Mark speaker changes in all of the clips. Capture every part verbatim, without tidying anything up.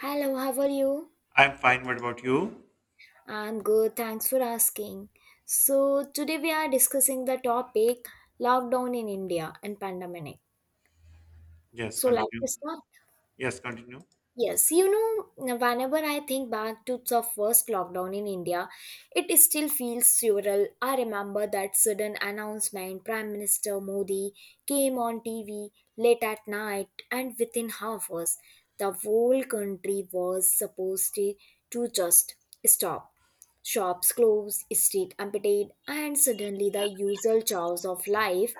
Speaker 1: Hello, how are you?
Speaker 2: I'm fine. What about you?
Speaker 1: I'm good, thanks for asking. So, today we are discussing the topic lockdown in India and pandemic.
Speaker 2: Yes,
Speaker 1: So,
Speaker 2: continue.
Speaker 1: let's start.
Speaker 2: Yes, continue.
Speaker 1: Yes, you know, whenever I think back to the first lockdown in India, it still feels surreal. I remember that sudden announcement. Prime Minister Modi came on T V late at night, and within half hours, the whole country was supposed to to just stop. Shops closed, street emptied, and suddenly the usual chores of life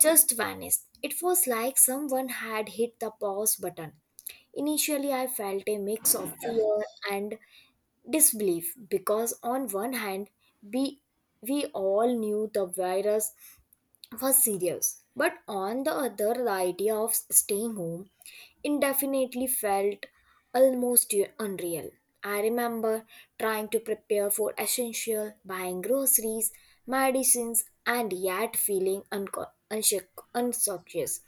Speaker 1: just vanished. It was like someone had hit the pause button. Initially, I felt a mix of fear and disbelief because, on one hand, we, we all knew the virus was serious. But on the other, the idea of staying home indefinitely felt almost unreal. I remember trying to prepare for essential, buying groceries, medicines, and yet feeling unco- unsure, unconscious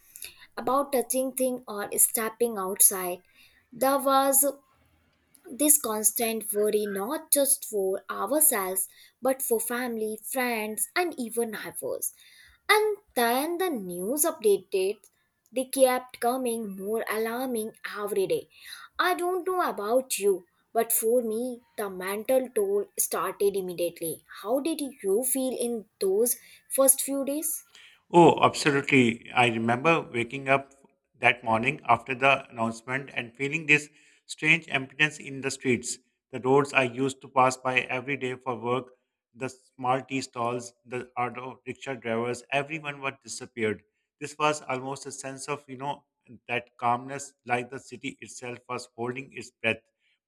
Speaker 1: about touching things or stepping outside. There was this constant worry, not just for ourselves, but for family, friends, and even neighbors. And then the news updated, they kept coming more alarming every day. I don't know about you, but for me, the mental toll started immediately. How did you feel in those first few days?
Speaker 2: Oh, absolutely. I remember waking up that morning after the announcement and feeling this strange emptiness in the streets. The roads I used to pass by every day for work, the small tea stalls, the auto rickshaw drivers, everyone was disappeared. This was almost a sense of, you know, that calmness, like the city itself was holding its breath.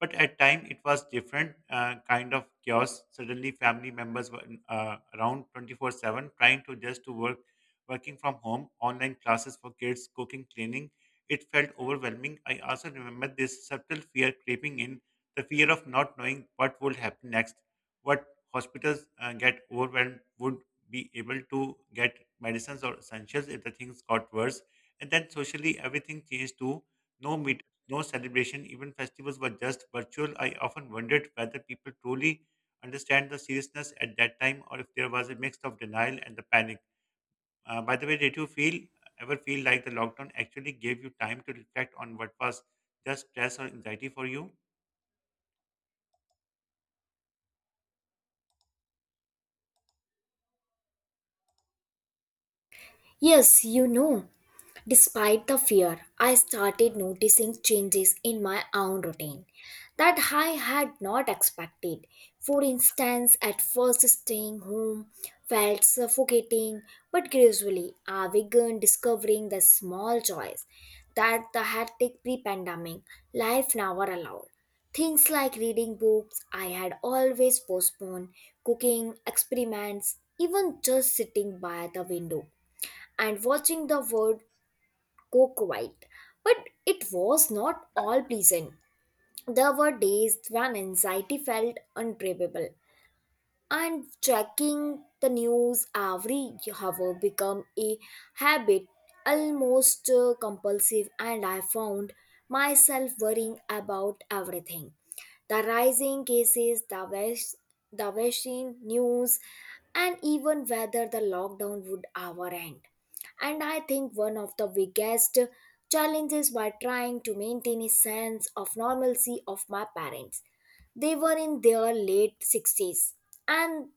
Speaker 2: But at time it was different uh, kind of chaos. Suddenly, family members were uh, around twenty-four seven, trying to just to work working from home, online classes for kids, cooking, cleaning. It felt overwhelming. I also remember this subtle fear creeping in, the fear of not knowing what would happen next, what hospitals uh, get overwhelmed would be able to get medicines or essentials if the things got worse. And then socially, everything changed too. No meet, no celebration, even festivals were just virtual. I often wondered whether people truly understand the seriousness at that time or if there was a mix of denial and the panic. Uh, by the way, did you feel ever feel like the lockdown actually gave you time to reflect on what was just stress or anxiety for you?
Speaker 1: Yes, you know. Despite the fear, I started noticing changes in my own routine that I had not expected. For instance, at first staying home felt suffocating, but gradually I began discovering the small joys that the hectic pre-pandemic life never allowed. Things like reading books I had always postponed, cooking experiments, even just sitting by the window and watching the world go quiet. But it was not all pleasant. There were days when anxiety felt unbearable, and checking the news every hour became a habit, almost uh, compulsive, and I found myself worrying about everything, the rising cases, the, vac- the vaccine news, and even whether the lockdown would ever end. And I think one of the biggest challenges by trying to maintain a sense of normalcy of my parents, they were in their late sixties, and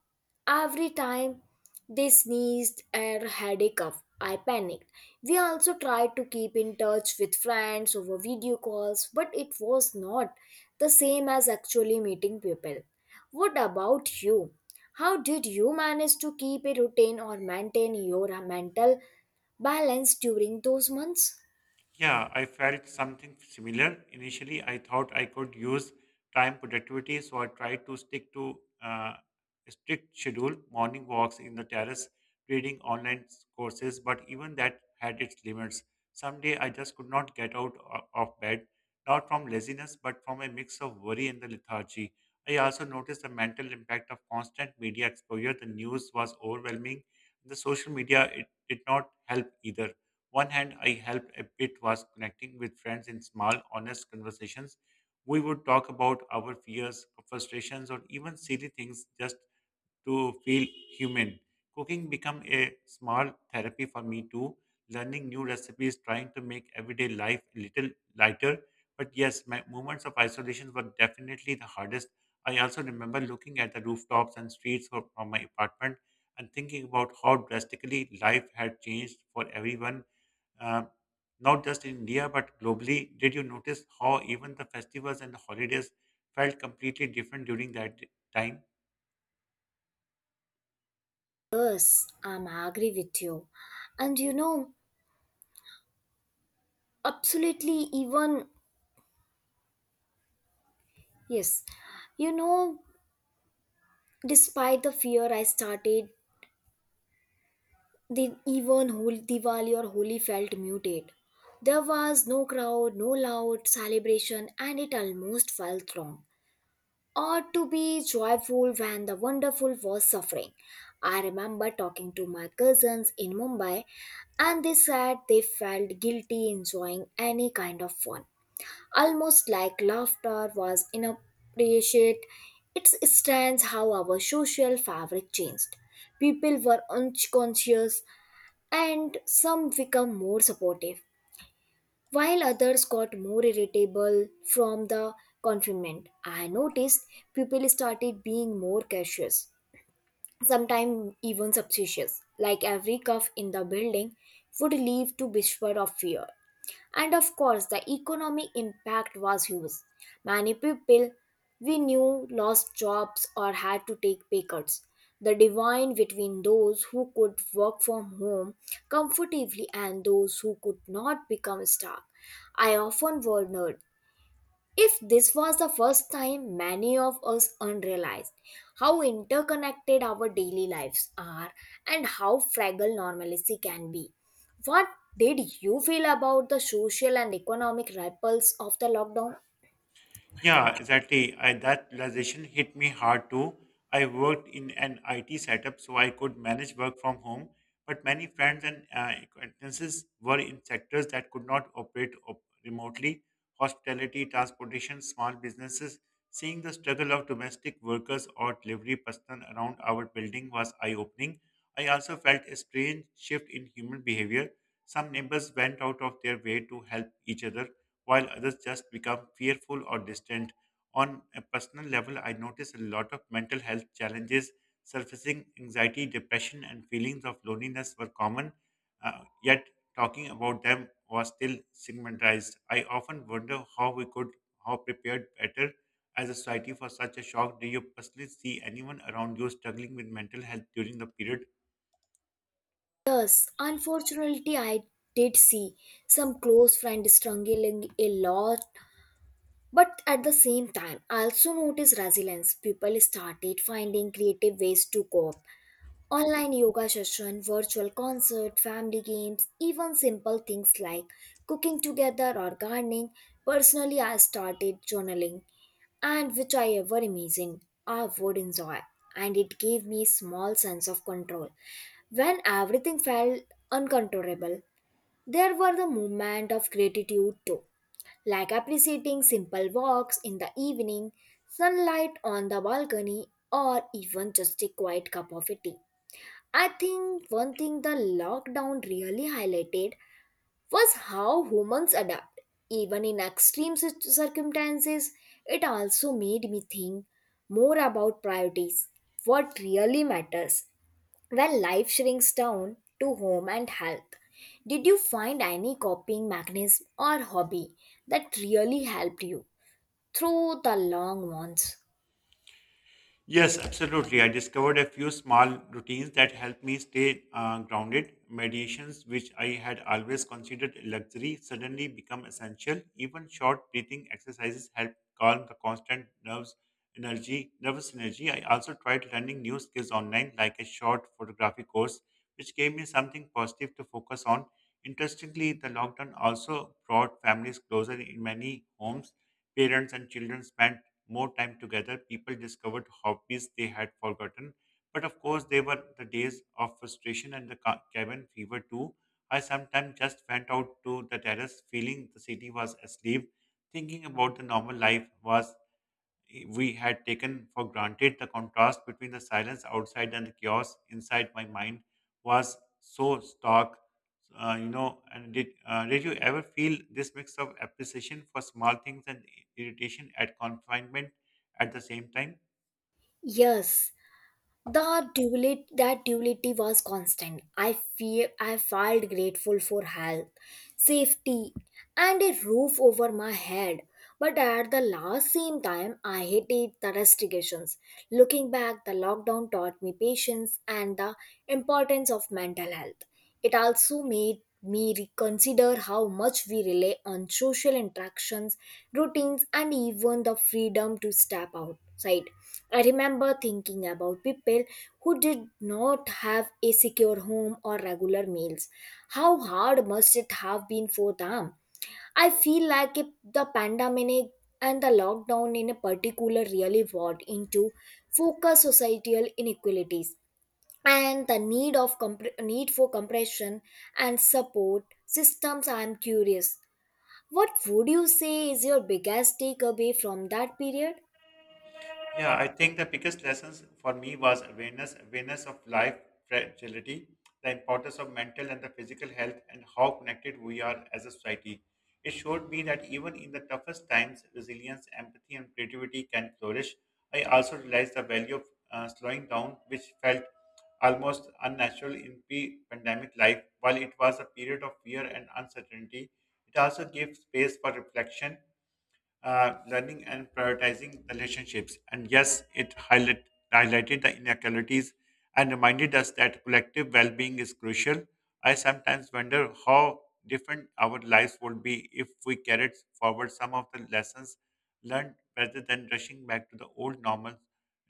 Speaker 1: every time they sneezed or had a cough, I panicked. We also tried to keep in touch with friends over video calls, but it was not the same as actually meeting people. What about you? How did you manage to keep a routine or maintain your mental balance during those months?
Speaker 2: Yeah, I felt something similar. Initially, I thought I could use time productivity, so I tried to stick to uh, a strict schedule, morning walks in the terrace, reading online s- courses, but even that had its limits. Someday I just could not get out o- of bed, not from laziness, but from a mix of worry and the lethargy. I also noticed the mental impact of constant media exposure. The news was overwhelming. The social media it did not help either. One hand I helped a bit was connecting with friends in small, honest conversations. We would talk about our fears, frustrations, or even silly things just to feel human. Cooking became a small therapy for me too, learning new recipes, trying to make everyday life a little lighter. But yes, my moments of isolation were definitely the hardest. I also remember looking at the rooftops and streets fro- from my apartment and thinking about how drastically life had changed for everyone, uh, not just in India but globally. Did you notice how even the festivals and the holidays felt completely different during that time?
Speaker 1: Yes, I'm agree with you. And you know, absolutely even Yes, you know, despite the fear I started, the even Hol- Diwali or Holi felt muted. There was no crowd, no loud celebration, and it almost felt wrong. Ought to be joyful when the wonderful was suffering. I remember talking to my cousins in Mumbai, and they said they felt guilty enjoying any kind of fun, almost like laughter was inappropriate. It stands how our social fabric changed. People were unconscious and some become more supportive, while others got more irritable from the confinement. I noticed people started being more cautious, sometimes even suspicious, like every cough in the building would leave to whisper of fear. And of course, the economic impact was huge. Many people we knew lost jobs or had to take pay cuts. The divide between those who could work from home comfortably and those who could not become stuck. I often wondered if this was the first time, many of us unrealized how interconnected our daily lives are and how fragile normalcy can be. What did you feel about the social and economic ripples of the lockdown?
Speaker 2: Yeah, exactly. I, that realization hit me hard too. I worked in an I T setup, so I could manage work from home. But many friends and uh, acquaintances were in sectors that could not operate op- remotely: hospitality, transportation, small businesses. Seeing the struggle of domestic workers or delivery personnel around our building was eye opening. I also felt a strange shift in human behavior. Some neighbors went out of their way to help each other while others just become fearful or distant. On a personal level, I notice a lot of mental health challenges surfacing. Anxiety, depression, and feelings of loneliness were common, uh, yet talking about them was still stigmatized. I often wonder how we could how prepared better as a society for such a shock. Do you personally see anyone around you struggling with mental health during the period?
Speaker 1: Yes, unfortunately, I did see some close friends struggling a lot, but at the same time, I also noticed resilience. People started finding creative ways to cope. Online yoga session, virtual concert, family games, even simple things like cooking together or gardening. Personally, I started journaling, and which I ever imagined I would enjoy, and it gave me a small sense of control. When everything felt uncontrollable, there were the moment of gratitude too, like appreciating simple walks in the evening, sunlight on the balcony, or even just a quiet cup of tea. I think one thing the lockdown really highlighted was how humans adapt. Even in extreme cir- circumstances, it also made me think more about priorities, what really matters when life shrinks down to home and health. Did you find any coping mechanism or hobby that really helped you through the long months?
Speaker 2: Yes, absolutely. I discovered a few small routines that help me stay uh, grounded. Meditations, which I had always considered a luxury, suddenly become essential. Even short breathing exercises help calm the constant nerves energy, nervous energy. I also tried learning new skills online, like a short photography course, which gave me something positive to focus on. Interestingly, the lockdown also brought families closer in many homes. Parents and children spent more time together, people discovered hobbies they had forgotten. But of course, they were the days of frustration and the ca- cabin fever too. I sometimes just went out to the terrace, feeling the city was asleep. Thinking about the normal life was we had taken for granted, the contrast between the silence outside and the chaos inside my mind was so stark. Uh, you know and did uh, did you ever feel this mix of appreciation for small things and irritation at confinement at the same time?
Speaker 1: Yes. The duality, that duality was constant. I feel I felt grateful for health, safety, and a roof over my head. But at the last same time, I hated the restrictions. Looking back, the lockdown taught me patience and the importance of mental health. It also made me reconsider how much we rely on social interactions, routines, and even the freedom to step outside. I remember thinking about people who did not have a secure home or regular meals. How hard must it have been for them? I feel like if the pandemic and the lockdown in a particular really brought into focus societal inequalities and the need of compre- need for compression and support systems. I am curious. What would you say is your biggest takeaway from that period?
Speaker 2: Yeah, I think the biggest lessons for me was awareness, awareness of life fragility, the importance of mental and the physical health, and how connected we are as a society. It showed me that even in the toughest times, resilience, empathy, and creativity can flourish. I also realized the value of uh, slowing down, which felt almost unnatural in pre-pandemic life. While it was a period of fear and uncertainty, it also gave space for reflection, uh, learning and prioritizing relationships. And yes, it highlight, highlighted the inequalities and reminded us that collective well being is crucial. I sometimes wonder how different our lives would be if we carried forward some of the lessons learned rather than rushing back to the old normal.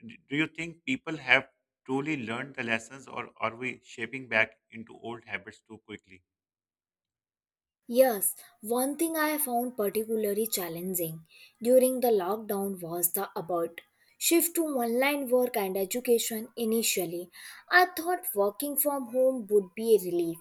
Speaker 2: D- Do you think people have truly learned the lessons or are we shaping back into old habits too quickly?
Speaker 1: Yes, one thing I found particularly challenging during the lockdown was the abrupt shift to online work and education initially. I thought working from home would be a relief,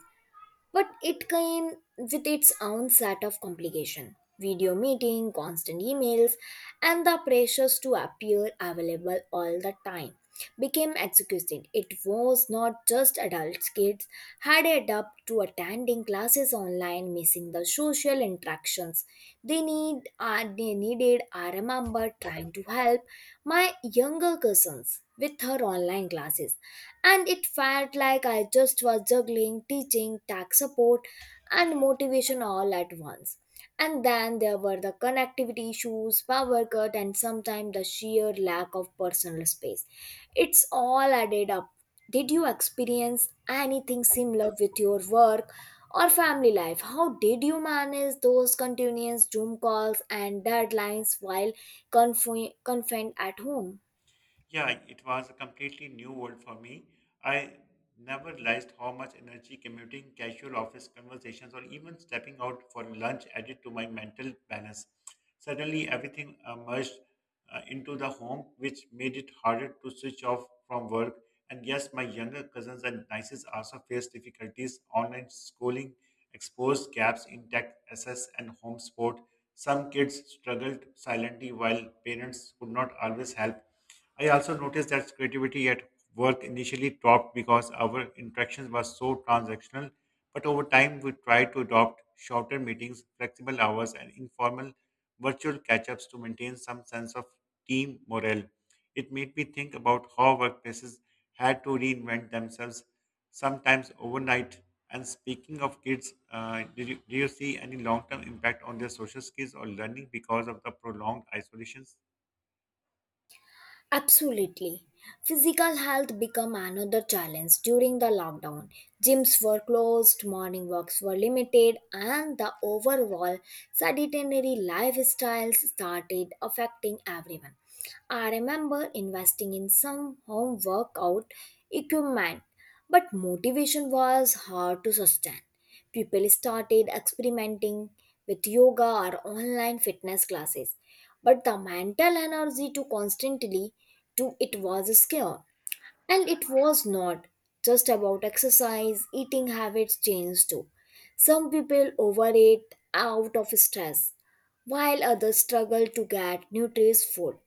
Speaker 1: but it came with its own set of complication. Video meeting, constant emails, and the pressures to appear available all the time became exhausted. It was not just adults, kids had adapted to attending classes online, missing the social interactions. They need uh, they needed I remember trying to help my younger cousins with her online classes, and it felt like I just was juggling teaching, tax support, and motivation all at once. And then there were the connectivity issues, power cut, and sometimes the sheer lack of personal space. It's all added up. Did you experience anything similar with your work or family life? How did you manage those continuous Zoom calls and deadlines while confi- confined at home?
Speaker 2: Yeah, it was a completely new world for me. I never realized how much energy commuting, casual office conversations, or even stepping out for lunch added to my mental balance. Suddenly, everything uh, merged uh, into the home, which made it harder to switch off from work. And yes, my younger cousins and nieces also faced difficulties. Online schooling exposed gaps in tech access and home support. Some kids struggled silently while parents could not always help. I also noticed that creativity at work initially dropped because our interactions were so transactional, but over time we tried to adopt shorter meetings, flexible hours, and informal virtual catch ups to maintain some sense of team morale. It made me think about how workplaces had to reinvent themselves, sometimes overnight. And speaking of kids, uh, did, you, do you see any long term impact on their social skills or learning because of the prolonged isolations?
Speaker 1: Absolutely. Physical health became another challenge during the lockdown. Gyms were closed, morning walks were limited, and the overall sedentary lifestyles started affecting everyone. I remember investing in some home workout equipment, but motivation was hard to sustain. People started experimenting with yoga or online fitness classes, but the mental energy to constantly do it was scarce. And it was not just about exercise, eating habits changed too. Some people overeat out of stress, while others struggle to get nutritious food.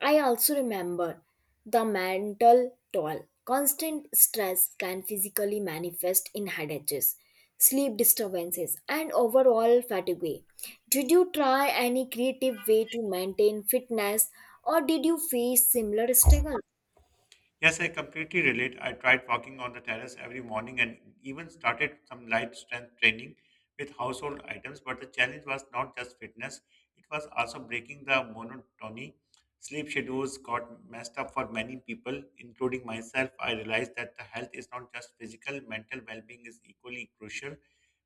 Speaker 1: I also remember the mental toll. Constant stress can physically manifest in headaches, sleep disturbances, and overall fatigue. Did you try any creative way to maintain fitness, or did you face similar struggles?
Speaker 2: Yes, I completely relate. I tried walking on the terrace every morning and even started some light strength training with household items. But the challenge was not just fitness, it was also breaking the monotony. Sleep schedules got messed up for many people, including myself. I realized that the health is not just physical, mental well being is equally crucial.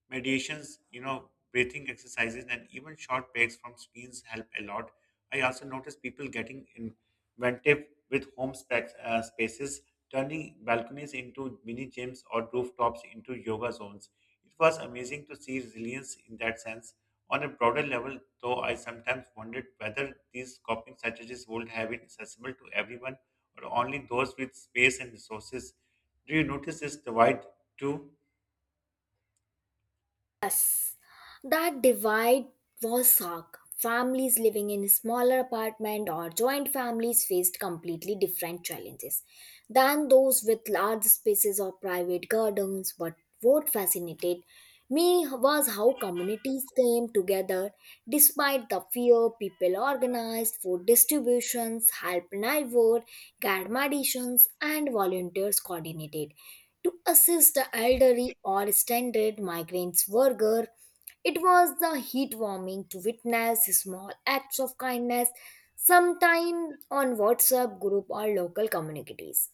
Speaker 2: Meditations, you know, breathing exercises, and even short breaks from screens help a lot. I also noticed people getting Ventive with home specs, uh, spaces, turning balconies into mini gyms or rooftops into yoga zones. It was amazing to see resilience in that sense. On a broader level, though, I sometimes wondered whether these coping strategies would have been accessible to everyone or only those with space and resources. Do you notice this divide too?
Speaker 1: Yes. That divide was stark. Families living in smaller apartment or joint families faced completely different challenges than those with large spaces or private gardens. But what fascinated me was how communities came together despite the fear. People organized food distributions, helped neighbor, garmadishans, and volunteers coordinated to assist the elderly or standard migrants worker. It was the heartwarming to witness small acts of kindness, sometimes on WhatsApp group or local communities.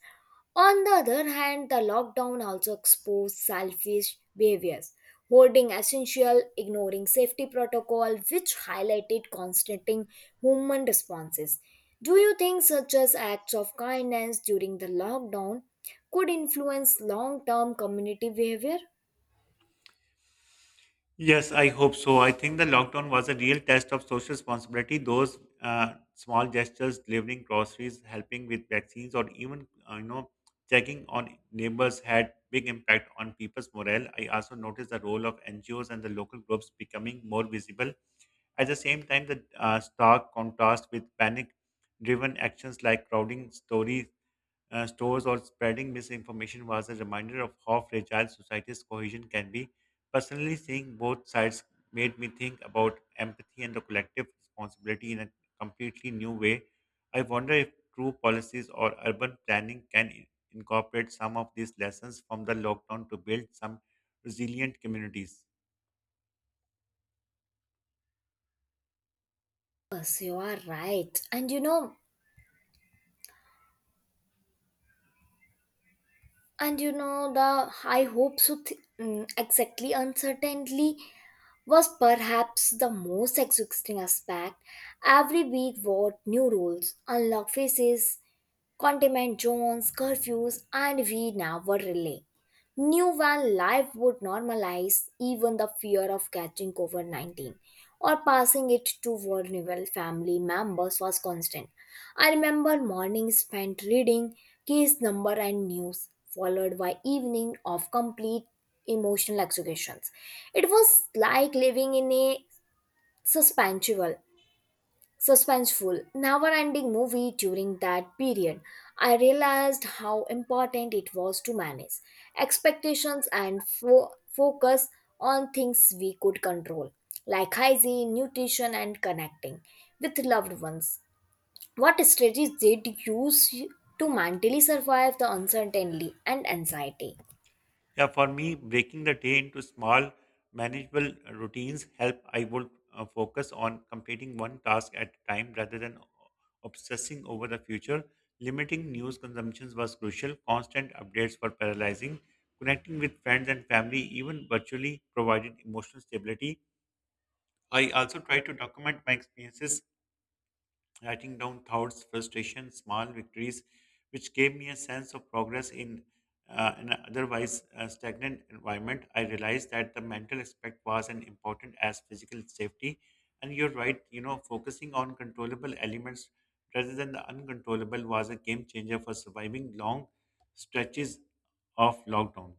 Speaker 1: On the other hand, the lockdown also exposed selfish behaviors, holding essential, ignoring safety protocol, which highlighted constating human responses. Do you think such as acts of kindness during the lockdown could influence long-term community behavior?
Speaker 2: Yes, I hope so. I think the lockdown was a real test of social responsibility. Those uh, small gestures, delivering groceries, helping with vaccines, or even uh, you know, checking on neighbors had big impact on people's morale. I also noticed the role of N G Os and the local groups becoming more visible. At the same time, the uh, stark contrast with panic-driven actions like crowding stores uh, stores or spreading misinformation was a reminder of how fragile society's cohesion can be. Personally, seeing both sides made me think about empathy and the collective responsibility in a completely new way. I wonder if true policies or urban planning can i- incorporate some of these lessons from the lockdown to build some resilient communities.
Speaker 1: Yes, you are right. And you know, and you know the I hope so th- mm, exactly, uncertainty was perhaps the most exhausting aspect. Every week what new rules unlock faces, containment zones, curfews, and we never relay. Knew when life would normalize, even the fear of catching COVID nineteen or passing it to vulnerable family members was constant. I remember mornings spent reading case number and news, followed by evening of complete emotional executions. It was like living in a suspension suspenseful, never ending movie. During that period, I realized how important it was to manage expectations and fo- focus on things we could control, like hygiene, nutrition, and connecting with loved ones. What strategies did you use to mentally survive the uncertainty and anxiety?
Speaker 2: Yeah, for me, breaking the day into small, manageable routines help. I would uh, focus on completing one task at a time rather than obsessing over the future. Limiting news consumptions was crucial. Constant updates were paralyzing. Connecting with friends and family, even virtually, provided emotional stability. I also try to document my experiences, writing down thoughts, frustrations, small victories, which gave me a sense of progress in uh, an otherwise uh, stagnant environment. I realized that the mental aspect was as important as physical safety. And you're right, you know, focusing on controllable elements rather than the uncontrollable was a game changer for surviving long stretches of lockdown.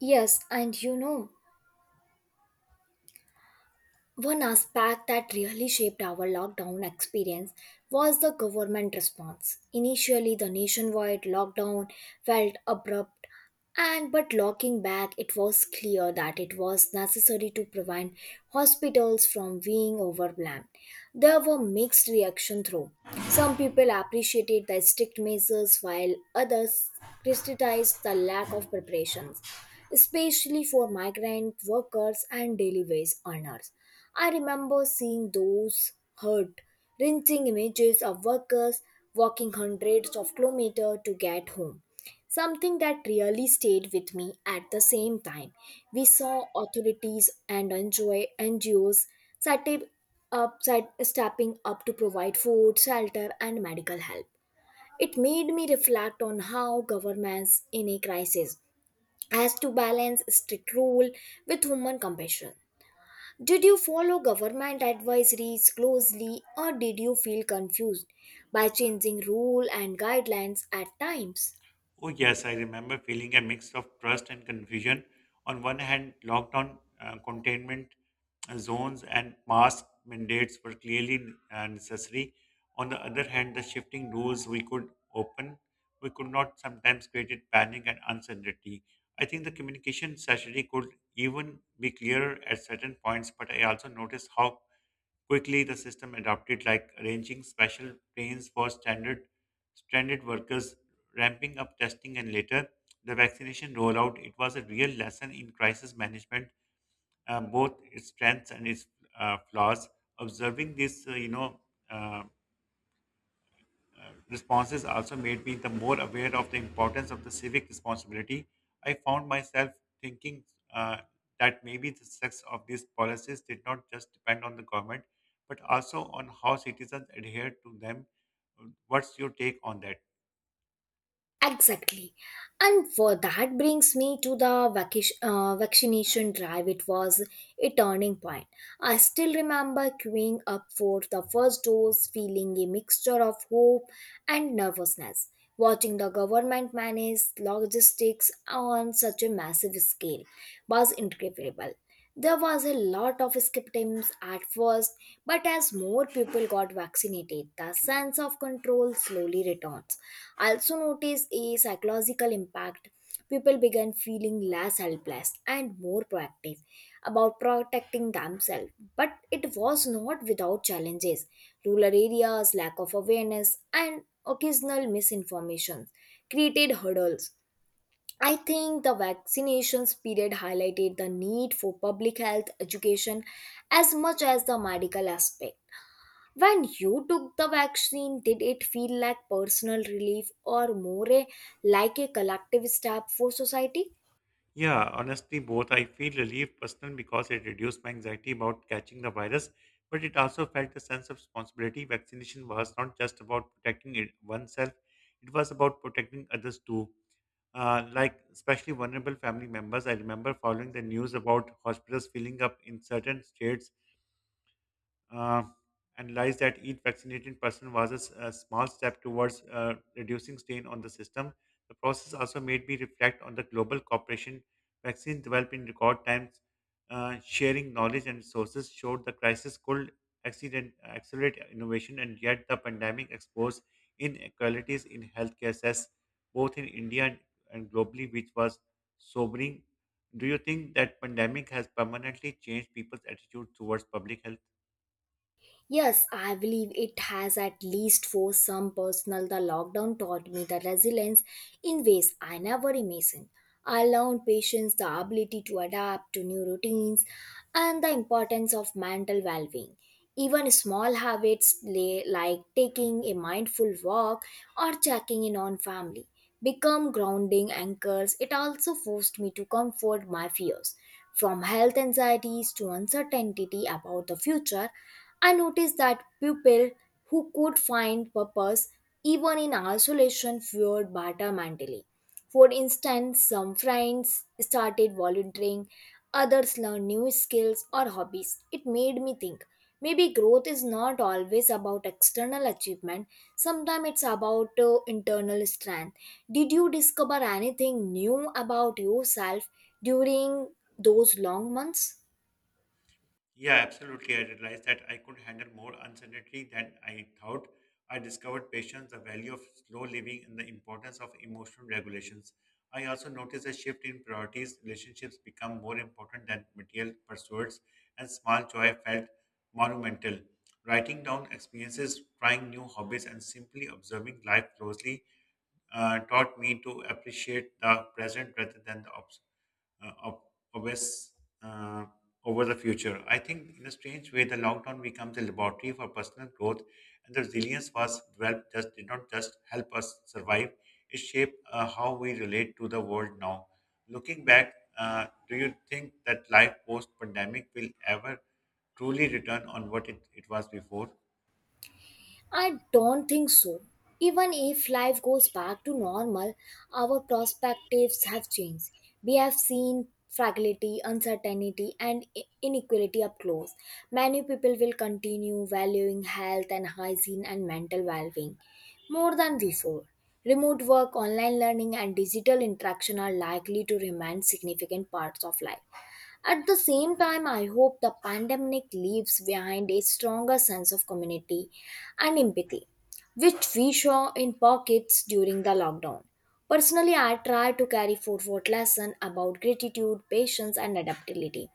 Speaker 1: Yes, and you know, One aspect that really shaped our lockdown experience was the government response. Initially, the nationwide lockdown felt abrupt, and but looking back, it was clear that it was necessary to prevent hospitals from being overwhelmed. There were mixed reaction through. Some people appreciated the strict measures, while others criticized the lack of preparations, especially for migrant workers and daily wage earners. I remember seeing those hurt, wrenching images of workers walking hundreds of kilometers to get home. Something that really stayed with me at the same time. We saw authorities and NGO N G Os setting up, set- stepping up to provide food, shelter, and medical help. It made me reflect on how governments in a crisis has to balance strict rule with human compassion. Did you follow government advisories closely or did you feel confused by changing rule and guidelines at times?
Speaker 2: Oh, yes, I remember feeling a mix of trust and confusion. On one hand, lockdown uh, containment uh, zones and mask mandates were clearly uh, necessary. On the other hand, the shifting rules we could open, we could not, sometimes created panic and uncertainty. I think the communication strategy could even be clearer at certain points, but I also noticed how quickly the system adopted, like arranging special trains for standard stranded workers, ramping up testing, and later the vaccination rollout. It was a real lesson in crisis management, uh, both its strengths and its uh, flaws. Observing this, uh, you know. Uh, uh, responses also made me the more aware of the importance of the civic responsibility. I found myself thinking uh, that maybe the success of these policies did not just depend on the government, but also on how citizens adhere to them. What's your take on that?
Speaker 1: Exactly. And for that brings me to the vacation, uh, vaccination drive. It was a turning point. I still remember queuing up for the first dose, feeling a mixture of hope and nervousness, watching the government manage logistics on such a massive scale was incredible. There was a lot of skepticism at first, but as more people got vaccinated, the sense of control slowly returns. I also noticed a psychological impact. People began feeling less helpless and more proactive about protecting themselves. But it was not without challenges. Rural areas, lack of awareness, and occasional misinformation created hurdles. I think the vaccinations period highlighted the need for public health education as much as the medical aspect. When you took the vaccine, did it feel like personal relief or more a- like a collective step for society?
Speaker 2: Yeah, honestly, both. I feel relief personal because it reduced my anxiety about catching the virus, but it also felt a sense of responsibility. Vaccination was not just about protecting it, oneself, it was about protecting others too. Uh, like, especially vulnerable family members. I remember following the news about hospitals filling up in certain states, uh, analyzed that each vaccinated person was a, s- a small step towards uh, reducing strain on the system. The process also made me reflect on the global cooperation. Vaccines developed in record times, uh, sharing knowledge and resources showed the crisis could accident, accelerate innovation, and yet the pandemic exposed inequalities in healthcare access, both in India and, and globally, which was sobering. Do you think that pandemic has permanently changed people's attitude towards public health?
Speaker 1: Yes, I believe it has, at least for some personal. The lockdown taught me the resilience in ways I never imagined. I learned patience, the ability to adapt to new routines, and the importance of mental well being. Even small habits lay- like taking a mindful walk or checking in on family become grounding anchors. It also forced me to comfort my fears. From health anxieties to uncertainty about the future, I noticed that people who could find purpose even in isolation fared better mentally. For instance, some friends started volunteering, others learned new skills or hobbies. It made me think maybe growth is not always about external achievement, sometimes it's about uh, internal strength. Did you discover anything new about yourself during those long months?
Speaker 2: Yeah, absolutely. I realized that I could handle more uncertainty than I thought. I discovered patience, the value of slow living, and the importance of emotional regulations. I also noticed a shift in priorities. Relationships become more important than material pursuits, and small joy felt monumental. Writing down experiences, trying new hobbies, and simply observing life closely uh, taught me to appreciate the present rather than the obs- uh, ob- obvious uh, over the future. I think, in a strange way, the lockdown becomes a laboratory for personal growth, and the resilience was developed just did not just help us survive; it shaped uh, how we relate to the world now. Looking back, uh, do you think that life post-pandemic will ever truly return on what it, it was before?
Speaker 1: I don't think so. Even if life goes back to normal, our perspectives have changed. We have seen fragility, uncertainty, and i- inequality up close. Many people will continue valuing health and hygiene and mental well being more than before. Remote work, online learning, and digital interaction are likely to remain significant parts of life. At the same time, I hope the pandemic leaves behind a stronger sense of community and empathy, which we saw in pockets during the lockdown. Personally, I try to carry forward lesson about gratitude, patience, and adaptability,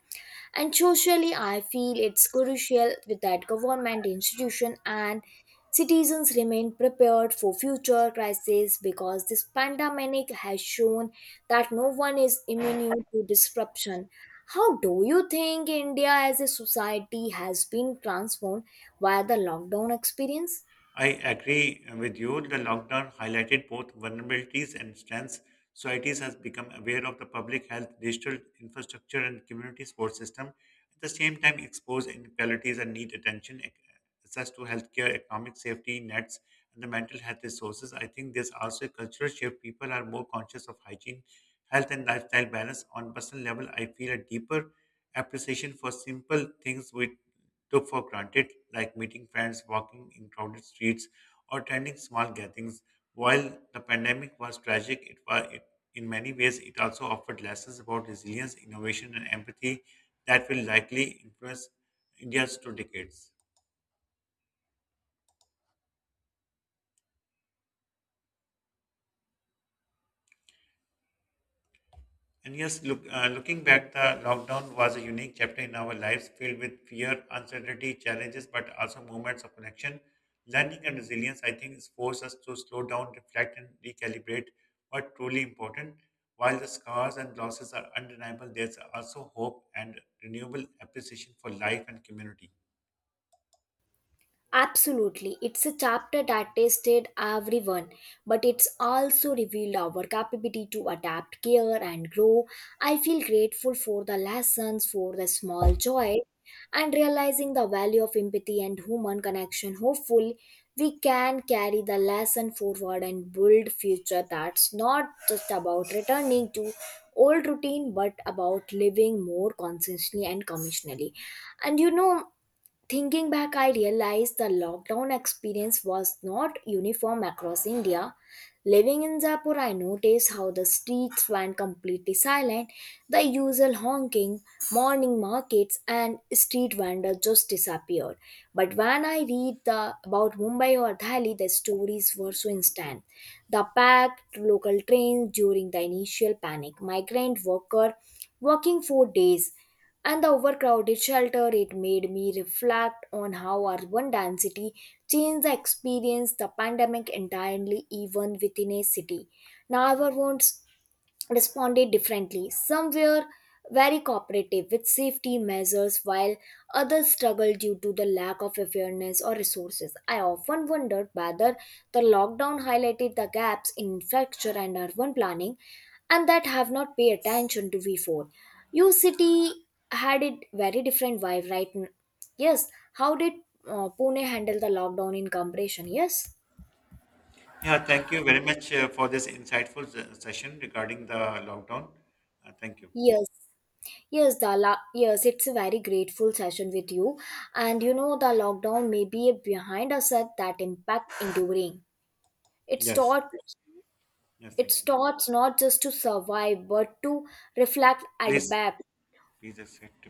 Speaker 1: and socially, I feel it's crucial with that government institution and citizens remain prepared for future crises because this pandemic has shown that no one is immune to disruption. How do you think India as a society has been transformed by the lockdown experience?
Speaker 2: I agree with you. The lockdown highlighted both vulnerabilities and strengths. Societies has become aware of the public health, digital infrastructure, and community support system. At the same time, exposed inequalities and need attention, ac- access to healthcare, economic safety nets, and the mental health resources. I think there's also a cultural shift. People are more conscious of hygiene, health, and lifestyle balance. On personal level, I feel a deeper appreciation for simple things which took for granted, like meeting friends, walking in crowded streets, or attending small gatherings. While the pandemic was tragic, it was it, in many ways it also offered lessons about resilience, innovation, and empathy that will likely influence India's two decades. And yes, look, uh, looking back, the lockdown was a unique chapter in our lives, filled with fear, uncertainty, challenges, but also moments of connection. Learning and resilience, I think, has forced us to slow down, reflect, and recalibrate what truly important. While the scars and losses are undeniable, there's also hope and renewable appreciation for life and community.
Speaker 1: Absolutely. It's a chapter that tested everyone, but it's also revealed our capability to adapt, care, and grow. I feel grateful for the lessons, for the small joy, and realizing the value of empathy and human connection. Hopefully, we can carry the lesson forward and build future that's not just about returning to old routine but about living more consciously and commissionally. And you know thinking back, I realized the lockdown experience was not uniform across India. Living in Jaipur, I noticed how the streets went completely silent, the usual honking, morning markets, and street vendors just disappeared. But when I read the, about Mumbai or Delhi, the stories were so instant. The packed local trains during the initial panic, migrant worker working four days and the overcrowded shelter, it made me reflect on how urban density changed the experience the pandemic entirely, even within a city. Now I neighborhoods responded differently. Some were very cooperative with safety measures, while others struggled due to the lack of awareness or resources. I often wondered whether the lockdown highlighted the gaps in infrastructure and urban planning and that have not paid attention to before. Your city had it very different vibe, right? n- Yes. How did uh, Pune handle the lockdown in comparison? Yes.
Speaker 2: Yeah, thank you very much uh, for this insightful se- session regarding the lockdown. Uh, thank you.
Speaker 1: Yes. Yes, the la- yes, it's a very grateful session with you. And you know, the lockdown may be behind us at that impact enduring. It
Speaker 2: Yes,
Speaker 1: taught,
Speaker 2: yes,
Speaker 1: it
Speaker 2: thank you.
Speaker 1: starts not just to survive but to reflect,
Speaker 2: Please,
Speaker 1: adapt,
Speaker 2: please accept.